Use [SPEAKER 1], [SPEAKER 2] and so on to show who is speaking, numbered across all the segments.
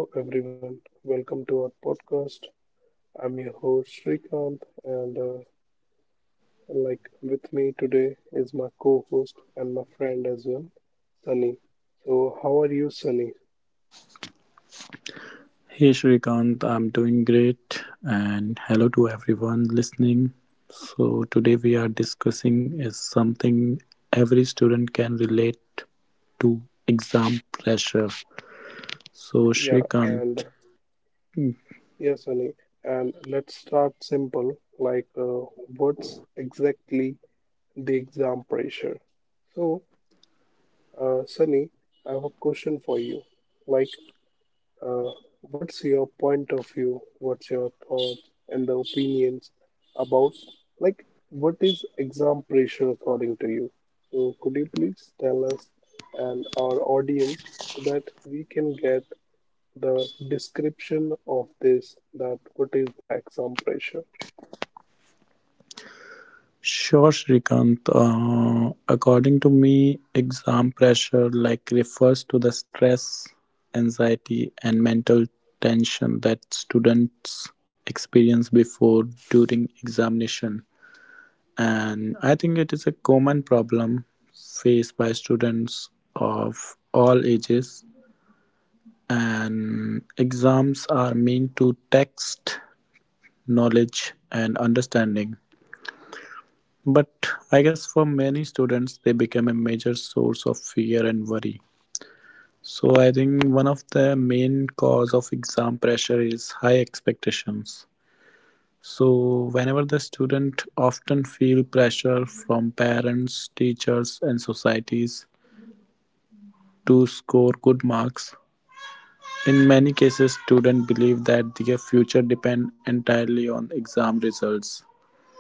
[SPEAKER 1] Hello, everyone. Welcome to our podcast. I'm your host, Srikanth, and with me today is my co host and my friend as well, Sunny. So, how are you, Sunny?
[SPEAKER 2] Hey Shrikant, I'm doing great, and hello to everyone listening. So, today we are discussing is something every student can relate to exam pressure.
[SPEAKER 1] Yeah,
[SPEAKER 2] So,
[SPEAKER 1] and
[SPEAKER 2] Shrikant,
[SPEAKER 1] yeah, Sunny. And let's start simple what's exactly the exam pressure? So, Sunny, I have a question for you. Like, Uh, what's your point of view? What's your thought and the opinions about, like, what is exam pressure according to you? So, could you please tell us and our audience so that we can get the description of this? That what is the exam pressure?
[SPEAKER 2] sure, Shrikant, according to me, exam pressure like refers to the stress, anxiety, and mental tension that students experience before during examination, and I think it is a common problem faced by students of all ages. And exams are meant to test knowledge and understanding, but I guess for many students, they become a major source of fear and worry. So I think one of the main cause of exam pressure is high expectations. So whenever the student often feel pressure from parents, teachers and societies to score good marks, in many cases students believe that their future depends entirely on exam results.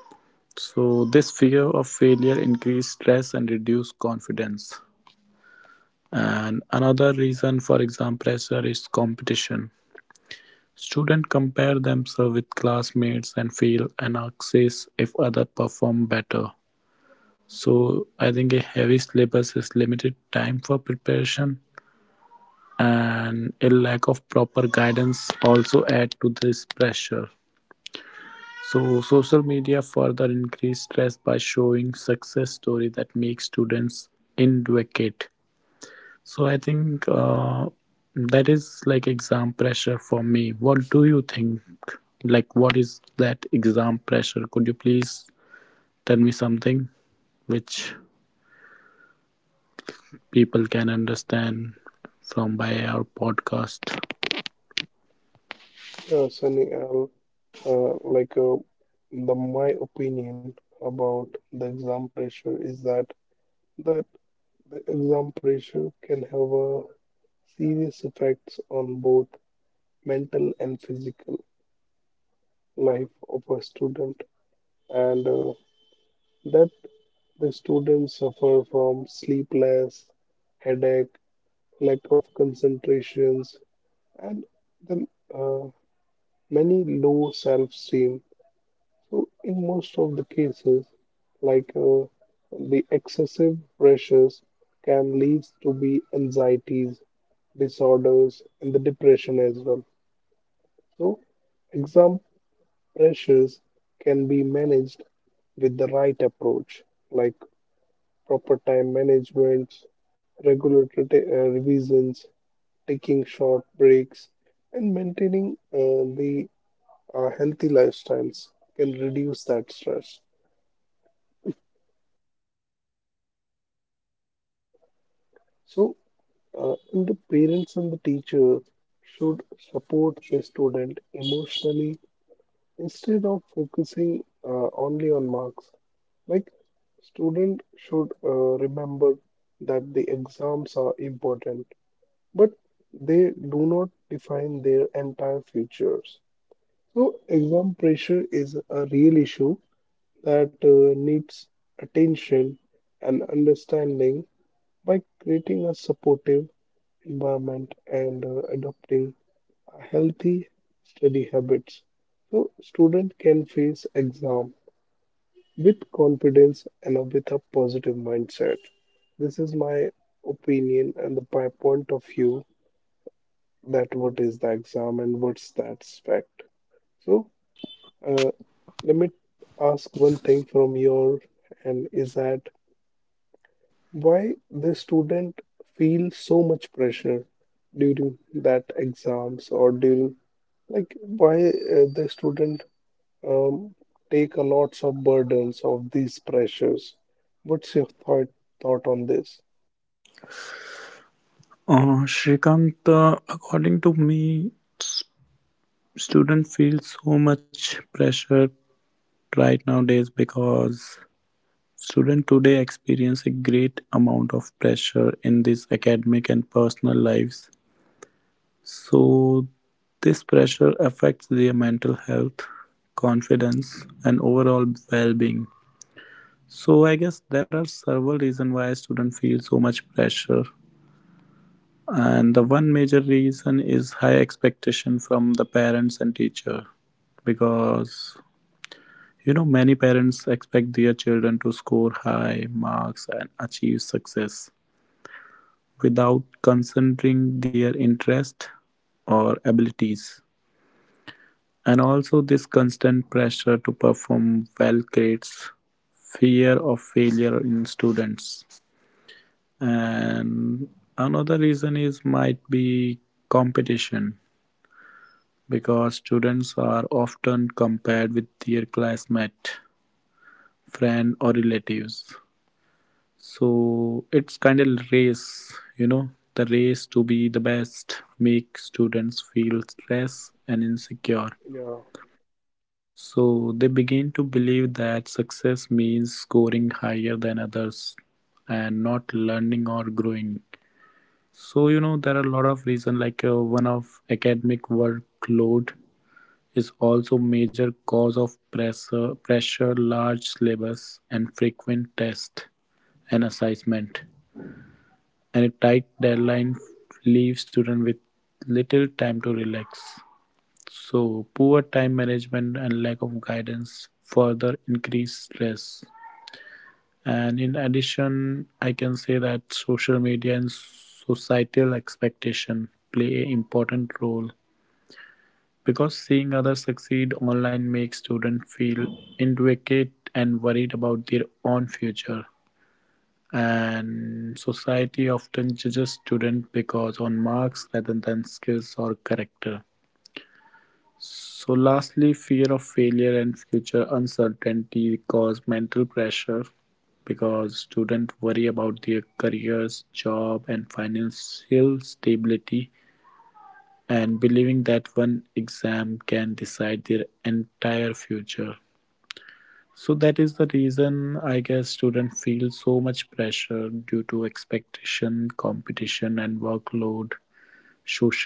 [SPEAKER 2] So this fear of failure increases stress and reduces confidence. And another reason for exam pressure is competition. Students compare themselves with classmates and feel anxious if others perform better. So I think a heavy syllabus is limited time for preparation and a lack of proper guidance also add to this pressure. So social media further increase stress by showing success story that make students indicate. So I think that is like exam pressure for me. What do you think, like what is that exam pressure? Could you please tell me something which people can understand from by our podcast?
[SPEAKER 1] Yeah, Sunny, I'll uh, like uh, the my opinion about the exam pressure is that the exam pressure can have a serious effects on both mental and physical life of a student, and that the students suffer from sleepless, headache, lack of concentrations, and the uh, many low self-esteem. So, in most of the cases, like uh, the excessive pressures can lead to be anxieties, disorders, and the depression as well. So, example pressures can be managed with the right approach, like proper time management, revisions, taking short breaks, and maintaining the healthy lifestyles can reduce that stress. So, and the parents and the teacher should support the student emotionally instead of focusing only on marks. Like, student should remember that the exams are important, but they do not define their entire futures. So, exam pressure is a real issue that needs attention and understanding by creating a supportive environment and adopting a healthy study habits. So, student can face exam with confidence and with a positive mindset. This is my opinion and the, my point of view that what is the exam and what's that fact. So uh, let me ask one thing from your and is that why the student feel so much pressure during that exams or during like why the student um, take a lots of burdens of these pressures. What's your thought on this?
[SPEAKER 2] Shrikant, according to me, student feel so much pressure right nowadays because student today experience a great amount of pressure in this academic and personal lives. So this pressure affects their mental health, confidence, and overall well-being. So I guess there are several reasons why student feel so much pressure, and the one major reason is high expectation from the parents and teacher, because you know many parents expect their children to score high marks and achieve success without considering their interest or abilities. And also this constant pressure to perform well creates fear of failure in students. And another reason is might be competition, because students are often compared with their classmate, friend or relatives. So it's kind of race, you know, the race to be the best make students feel stress and insecure.
[SPEAKER 1] Yeah,
[SPEAKER 2] So they begin to believe that success means scoring higher than others and not learning or growing. So you know there are a lot of reason, like one of academic workload is also major cause of pressure, large syllabus and frequent tests and assessment, and a tight deadline leaves students with little time to relax. So, poor time management and lack of guidance further increase stress. And in addition, I can say that social media and societal expectation play an important role, because seeing others succeed online makes students feel inadequate and worried about their own future. And society often judges students because on marks rather than skills or character. So lastly, fear of failure and future uncertainty cause mental pressure, because students worry about their careers, job and financial stability, and believing that one exam can decide their entire future. So that is the reason, I guess, students feel so much pressure due to expectation, competition and workload,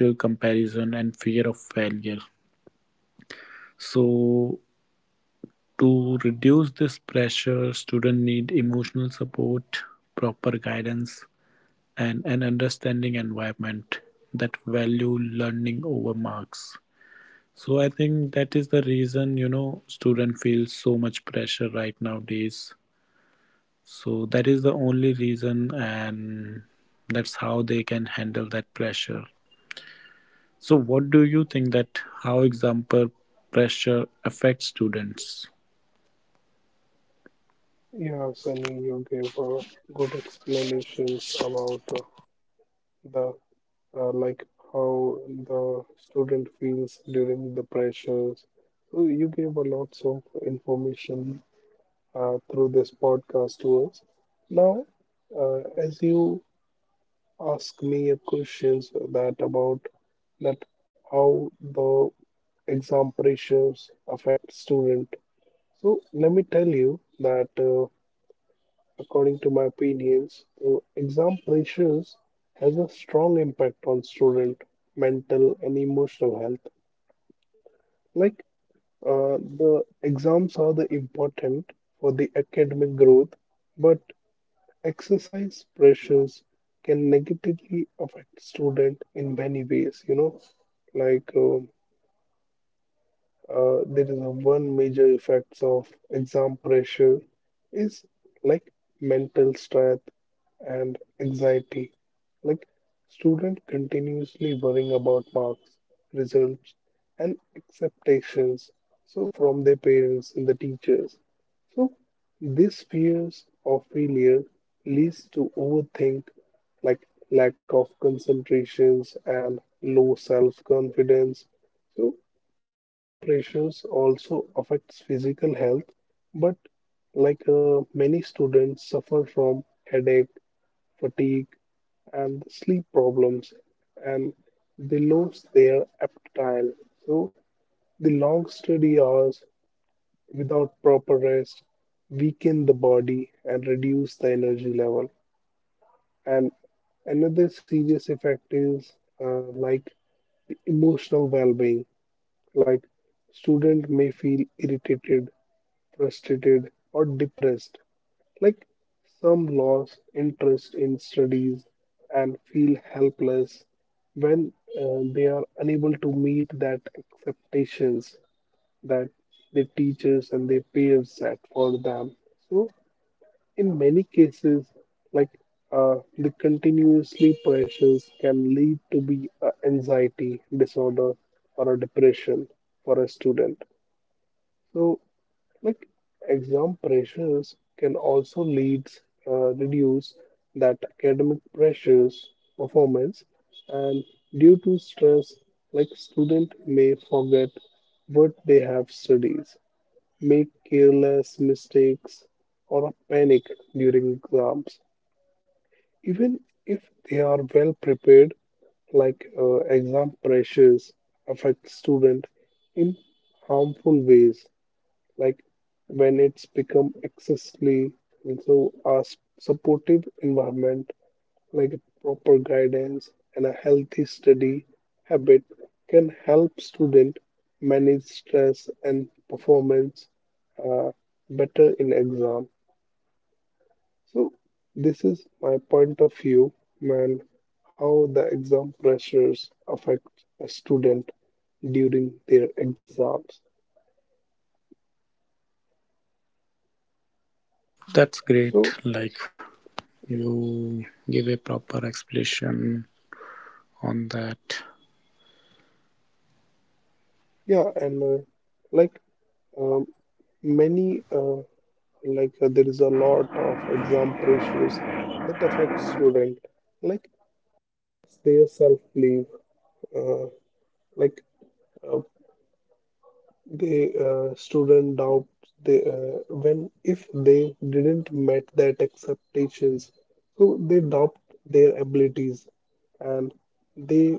[SPEAKER 2] social comparison and fear of failure. So to reduce this pressure, students need emotional support, proper guidance, and an understanding environment that value learning over marks. So I think that is the reason, you know, student feels so much pressure right nowadays. So that is the only reason, and that's how they can handle that pressure. So what do you think, that how example pressure affects students?
[SPEAKER 1] yeah, Sunny, you gave good explanations about the like how the student feels during the pressures. So you gave a lots of information through this podcast to us. Now, as you ask me a questions that about that how the exam pressures affect student so let me tell you that according to my opinions exam pressures has a strong impact on student mental and emotional health like uh, the exams are the important for the academic growth but exercise pressures can negatively affect student in many ways you know like uh, there is a one major effects of exam pressure is like mental stress and anxiety. Like student continuously worrying about marks, results, and expectations. So from their parents and the teachers. So these fears of failure leads to overthink, like lack of concentrations and low self-confidence. So exam pressures also affects physical health, but many students suffer from headache, fatigue, and sleep problems, and they lose their appetite. So the long study hours without proper rest weaken the body and reduce the energy level. And another serious effect is like the emotional well-being. Like student may feel irritated, frustrated, or depressed. Like some lose interest in studies and feel helpless when they are unable to meet that expectations that their teachers and their peers set for them. So in many cases, like the continuously pressures can lead to be a anxiety disorder or a depression for a student. So like exam pressures can also lead reduce that academic pressures performance and due to stress like student may forget what they have studied make careless mistakes or panic during exams even if they are well prepared exam pressures affect student in harmful ways like when it's become excessively and so a supportive environment like proper guidance and a healthy study habit can help student manage stress and performance uh, better in exam so this is my point of view man how the exam pressures affect a student during their exams
[SPEAKER 2] That's
[SPEAKER 1] so
[SPEAKER 2] great. Like
[SPEAKER 1] yeah,
[SPEAKER 2] you give a proper explanation on that.
[SPEAKER 1] yeah, and like Um, many there is a lot of exam pressures that affect student, like their self belief, uh, like uh, the student doubt they when if they didn't met that expectations, so they doubt their abilities and they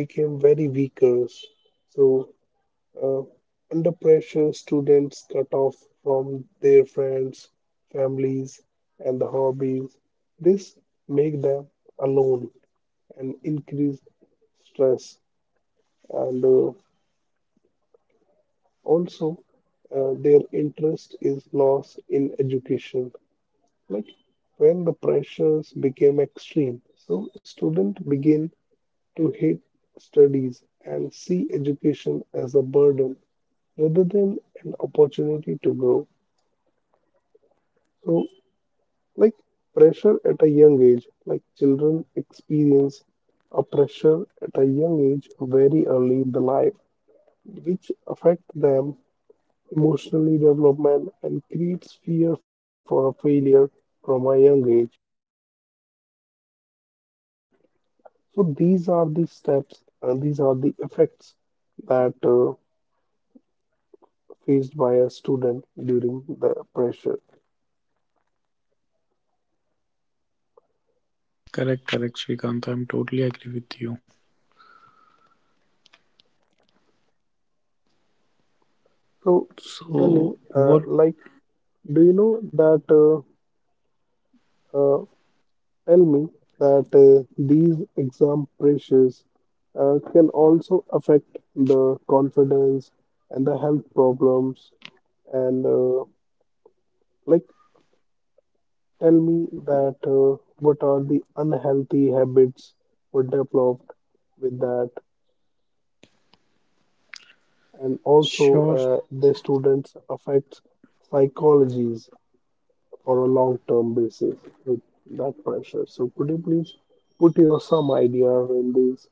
[SPEAKER 1] became very weakers. So Uh, under pressure, students cut off from their friends, families, and the hobbies. This make them alone and increase stress, and also their interest is lost in education. Like when the pressures became extreme, so students begin to hate studies and see education as a burden rather than an opportunity to grow. So, like pressure at a young age, like children experience a pressure at a young age very early in the life, which affect them emotionally development and creates fear for a failure from a young age. So these are the steps and these are the effects that faced by a student during the pressure.
[SPEAKER 2] Correct, correct, Srikant. I'm totally agree with you.
[SPEAKER 1] So, Sunny,
[SPEAKER 2] So what?
[SPEAKER 1] like, do you know that? Uh, tell me that these exam pressures can also affect the confidence and the health problems. And like, tell me that what are the unhealthy habits were developed with that, and also
[SPEAKER 2] Sure.
[SPEAKER 1] the students affects psychologies for a long-term basis with that pressure. So could you please put your some idea in this?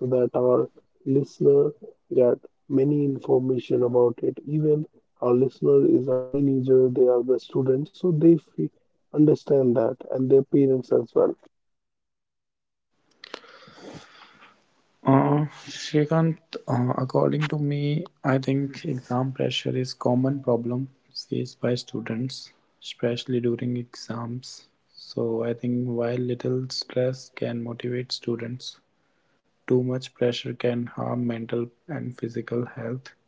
[SPEAKER 1] So that our listener get many information about it. Even our listener is a teenager, they are the students, so they fe understand that and their parents as well.
[SPEAKER 2] Shrikant, according to me, I think exam pressure is common problem faced by students, especially during exams. So I think while little stress can motivate students, too much pressure can harm mental and physical health.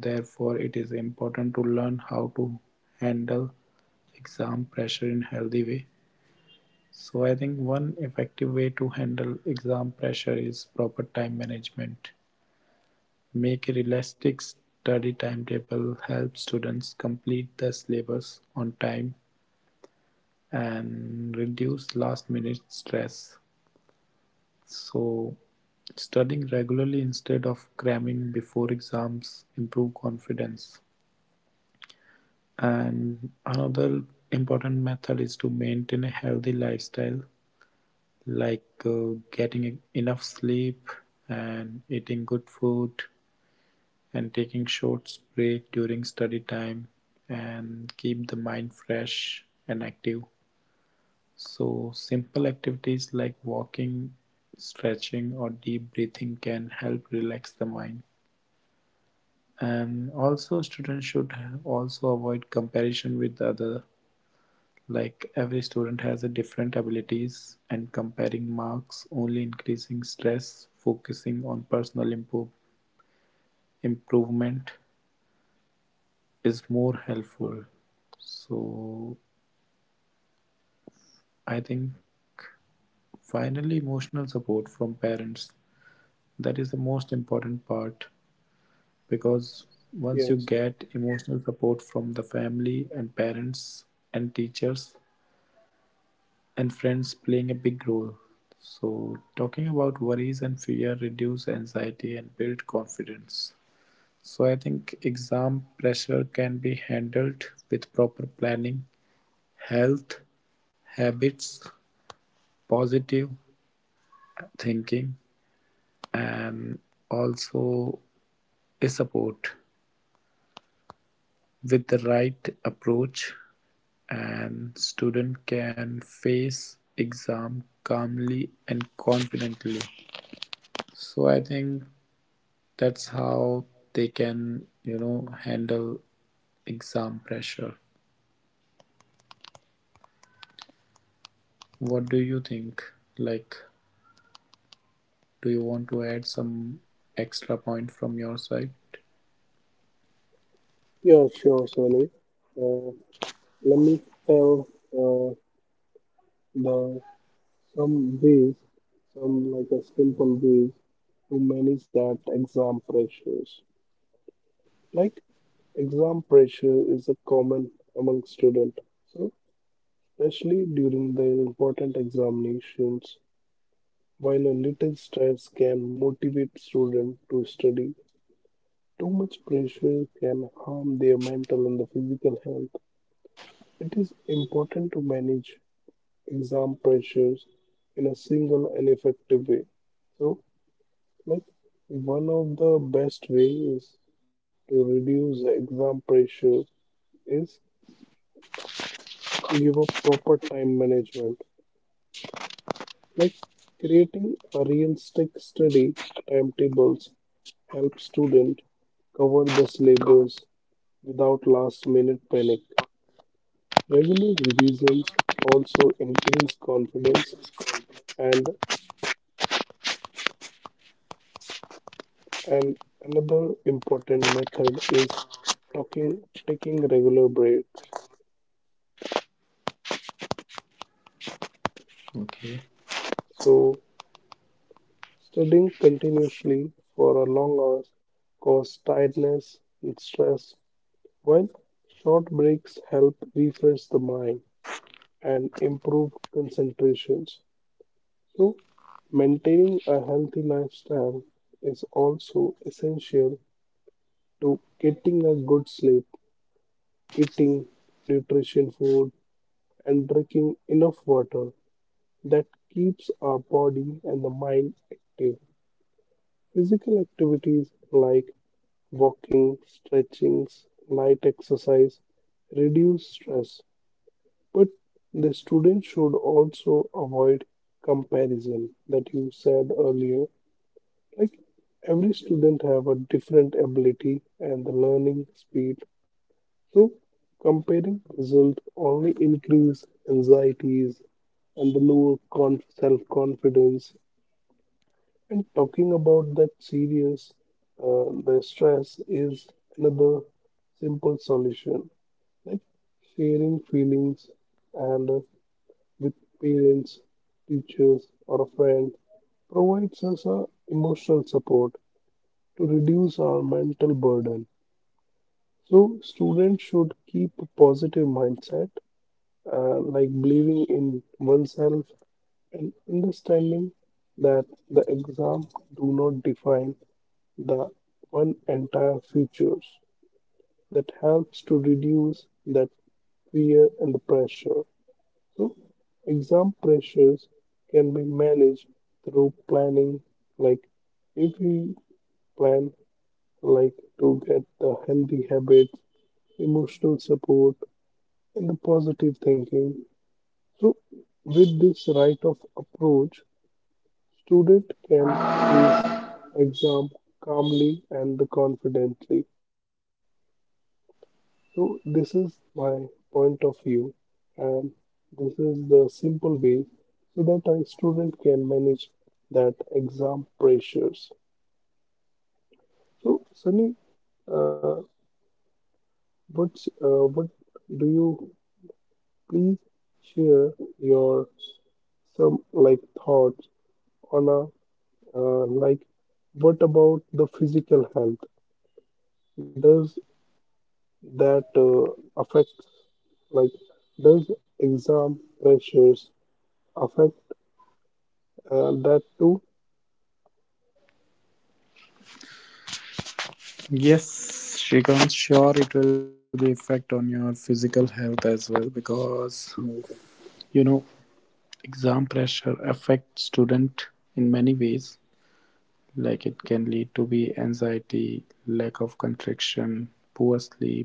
[SPEAKER 2] Therefore, it is important to learn how to handle exam pressure in healthy way. So I think one effective way to handle exam pressure is proper time management. Make a realistic study timetable, help students complete the syllabus on time, and reduce last-minute stress. So, studying regularly instead of cramming before exams improve confidence. And another important method is to maintain a healthy lifestyle, like getting enough sleep and eating good food and taking short breaks during study time, and keep the mind fresh and active. So, simple activities like walking, stretching, or deep breathing can help relax the mind. And also, students should also avoid comparison with other. Like every student has a different abilities, and comparing marks only increasing stress. Focusing on personal improve, improvement is more helpful. So I think finally emotional support from parents, that is the most important part, because once you
[SPEAKER 1] Yes,
[SPEAKER 2] get emotional support from the family and parents and teachers and friends playing a big role. So talking about worries and fear reduce anxiety and build confidence. So I think exam pressure can be handled with proper planning, health habits, positive thinking, and also a support. With the right approach, and student can face exam calmly and confidently. So I think that's how they can, you know, handle exam pressure. What do you think, like do you want to add some extra point from your side?
[SPEAKER 1] yeah, sure, Sony. Uh, Let me tell uh, the some ways, some like a simple ways to manage that exam pressures. Like exam pressure is a common among student. So especially during their important examinations. While a little stress can motivate students to study, too much pressure can harm their mental and the physical health. It is important to manage exam pressures in a single and effective way. So, like one of the best ways to reduce the exam pressure is give a proper time management. Like creating a realistic study timetables helps students cover the syllabus without last minute panic. Regular revisions also increase confidence and and another important method is talking taking regular breaks.
[SPEAKER 2] Okay.
[SPEAKER 1] So studying continuously for a long hours cause tiredness and stress, while short breaks help refresh the mind and improved concentrations. So, maintaining a healthy lifestyle is also essential to getting a good sleep, eating nutrition food, and drinking enough water that keeps our body and the mind active. Physical activities like walking, stretchings, light exercise reduce stress. But the student should also avoid comparison that you said earlier. Like every student have a different ability and the learning speed. So comparing result only increase anxieties and the lower self-confidence. And talking about that serious, the stress is another simple solution. Like sharing feelings and with parents, teachers, or a friend provides us a emotional support to reduce our mental burden. So students should keep a positive mindset, like believing in oneself and understanding that the exam do not define the one entire futures. That helps to reduce that fear and the pressure. So, exam pressures can be managed through planning. Like, if we plan, like, to get the healthy habits, emotional support, and the positive thinking. So, with this right of approach, student can face exam calmly and confidently. So, this is my point of view, and this is the simple way so that a student can manage that exam pressures. So, Sunny, uh, what do you please share your some like thoughts on a like what about the physical health? Does that affect like does exam pressures affect that too,
[SPEAKER 2] Yes, Shrikant, sure it will be effect on your physical health as well, because you know exam pressure affects student in many ways. Like it can lead to be anxiety, lack of contraction, poor sleep.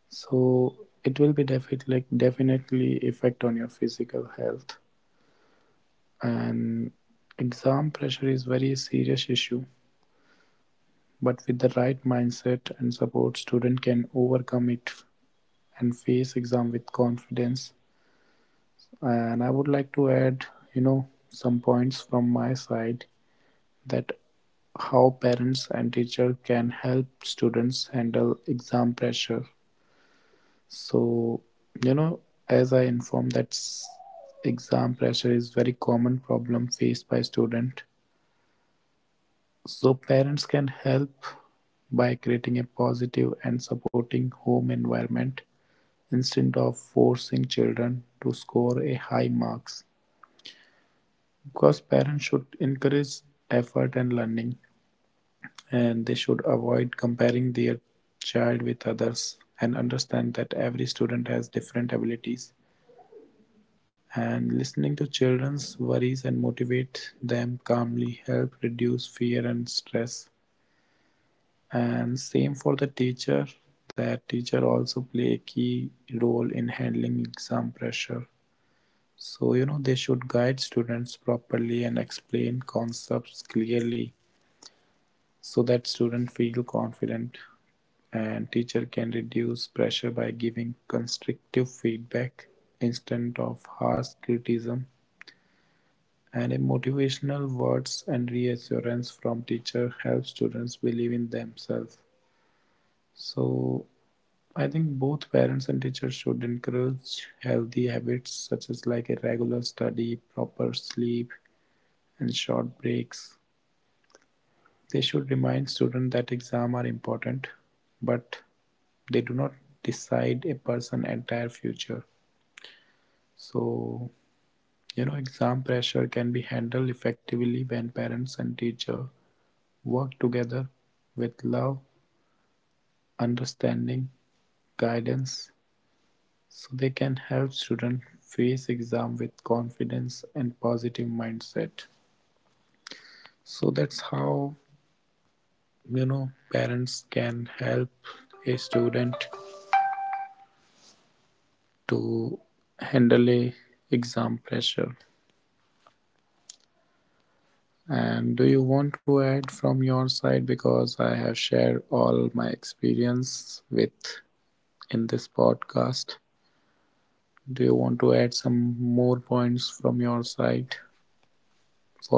[SPEAKER 2] So it will be definitely, like, definitely effect on your physical health. And exam pressure is very serious issue, but with the right mindset and support, student can overcome it and face exam with confidence. And I would like to add, you know, some points from my side, that how parents and teacher can help students handle exam pressure. So you know, as I informed, that exam pressure is very common problem faced by student. So parents can help by creating a positive and supporting home environment, instead of forcing children to score a high marks, because parents should encourage effort and learning, and they should avoid comparing their child with others and understand that every student has different abilities. And listening to children's worries and motivate them calmly help reduce fear and stress. And same for the teacher, that teacher also play a key role in handling exam pressure. So, you know, they should guide students properly and explain concepts clearly so that students feel confident, and teacher can reduce pressure by giving constructive feedback instead of harsh criticism. And a motivational words and reassurance from teacher help students believe in themselves. So I think both parents and teachers should encourage healthy habits such as like a regular study, proper sleep and short breaks. They should remind students that exams are important, but they do not decide a person's entire future. So, you know, exam pressure can be handled effectively when parents and teacher work together with love, understanding, guidance, so they can help students face exam with confidence and positive mindset. So that's how, you know, parents can help a student to handle a exam pressure. And do you want to add from your side, because I have shared all my experience with in this podcast? Do you want to add some more points from your side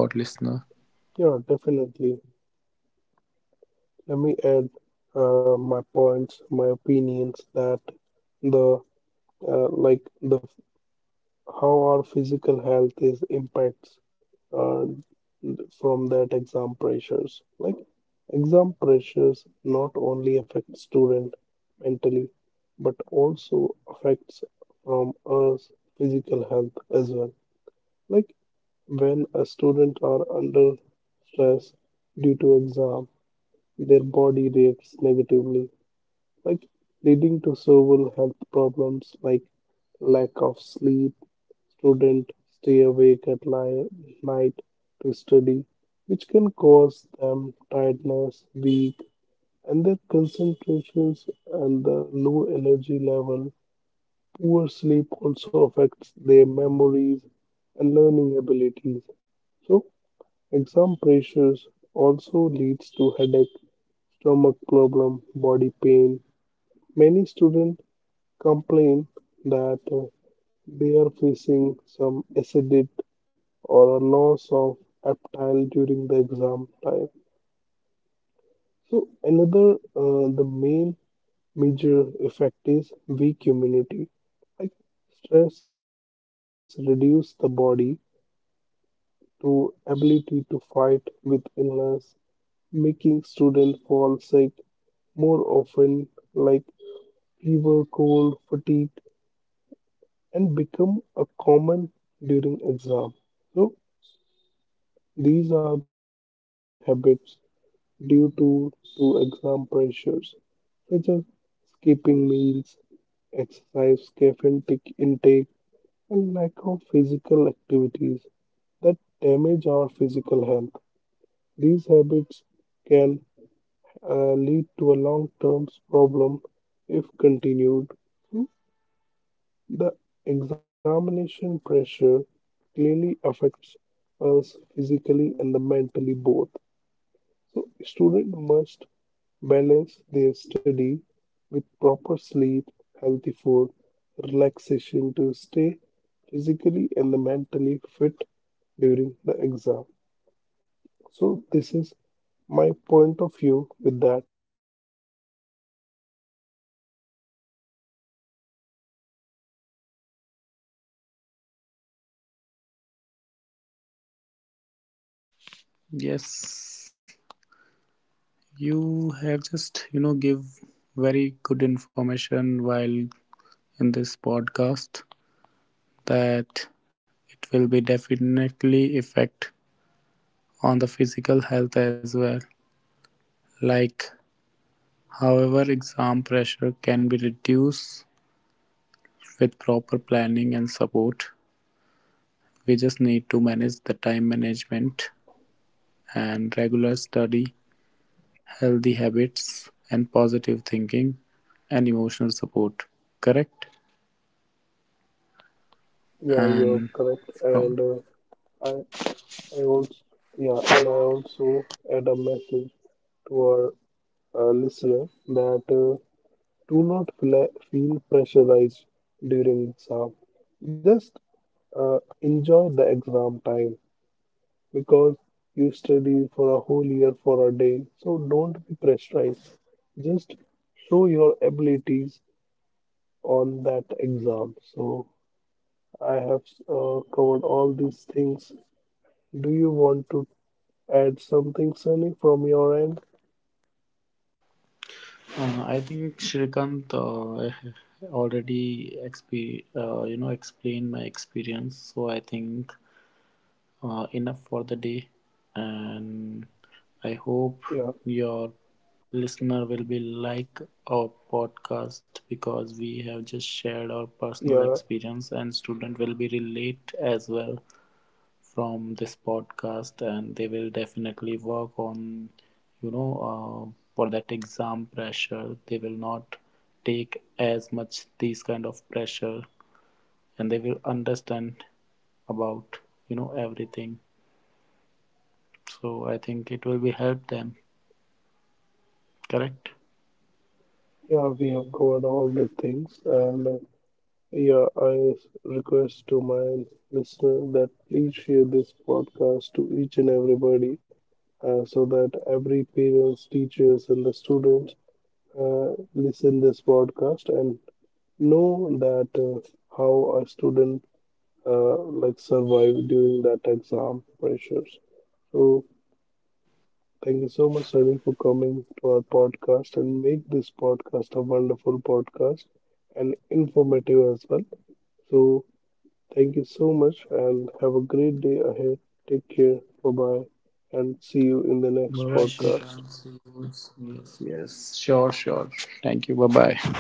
[SPEAKER 2] for listener?
[SPEAKER 1] yeah, definitely. Let me add my points, my opinions that the like the how our physical health is impacts uh, from that exam pressures. Like exam pressures not only affect student mentally, but also affects from us physical health as well. Like when a student are under stress due to exam their body reacts negatively, like leading to several health problems like lack of sleep, student stay awake at night to study, which can cause them tiredness, weak, and their concentrations and the low energy level. Poor sleep also affects their memories and learning abilities. So, exam pressures also leads to headache, stomach problem, body pain. Many students complain that they are facing some acidity or a loss of appetite during the exam time. So another, the main major effect is weak immunity. Like stress reduces the body to ability to fight with illness, making students fall sick more often, like fever, cold, fatigue, and become a common during exam. So these are the unhealthy habits due to exam pressures, such as skipping meals, exercise, caffeine intake, and lack of physical activities that damage our physical health. These habits can lead to a long-term problem if continued. The examination pressure clearly affects us physically and mentally both. So student must balance their study with proper sleep, healthy food, relaxation to stay physically and mentally fit during the exam. So this is my point of view with that. I think I have covered all the topics on the exam pressures and what are the effects and how a student
[SPEAKER 2] Yes,
[SPEAKER 1] can overcome with that
[SPEAKER 2] you have just, you know,
[SPEAKER 1] pressure.
[SPEAKER 2] give very good information while in this podcast, that it will be definitely effect on the physical health as well. Like, however, exam pressure can be reduced with proper planning and support. We just need to manage the time management and regular study, healthy habits, and positive thinking and emotional support. Correct?
[SPEAKER 1] Yeah, you are
[SPEAKER 2] And
[SPEAKER 1] correct. And
[SPEAKER 2] from
[SPEAKER 1] I, I also, yeah, and I also add a message to our listener that do not feel pressurized during exam. Just enjoy the exam time because you study for a whole year for a day. So don't be pressurized. Just show your abilities on that exam. So I have covered all these things. Do you want to add something, Sunny, from your end?
[SPEAKER 2] I think Shrikant already you know, explained my experience, so I think enough for the day. And I hope
[SPEAKER 1] Yeah,
[SPEAKER 2] your listener will be like our podcast, because we have just shared our personal
[SPEAKER 1] yeah,
[SPEAKER 2] experience and student will be relate as well from this podcast, and they will definitely work on, you know, for that exam pressure they will not take as much these kind of pressure, and they will understand about, you know, everything. So I think it will be help them, correct?
[SPEAKER 1] yeah. We have covered all the things, and yeah, I request to my listener that please share this podcast to each and everybody so that every parents, teachers, and the students listen this podcast and know that how a student like survive during that exam pressures. So thank you so much, Sunny, for coming to our podcast and make this podcast a wonderful podcast and informative as well. So thank you so much and have a great day ahead. Take care. Bye bye. And see you in the next
[SPEAKER 2] Bye.
[SPEAKER 1] podcast.
[SPEAKER 2] Yes, yes. Sure, sure. Thank you. Bye bye.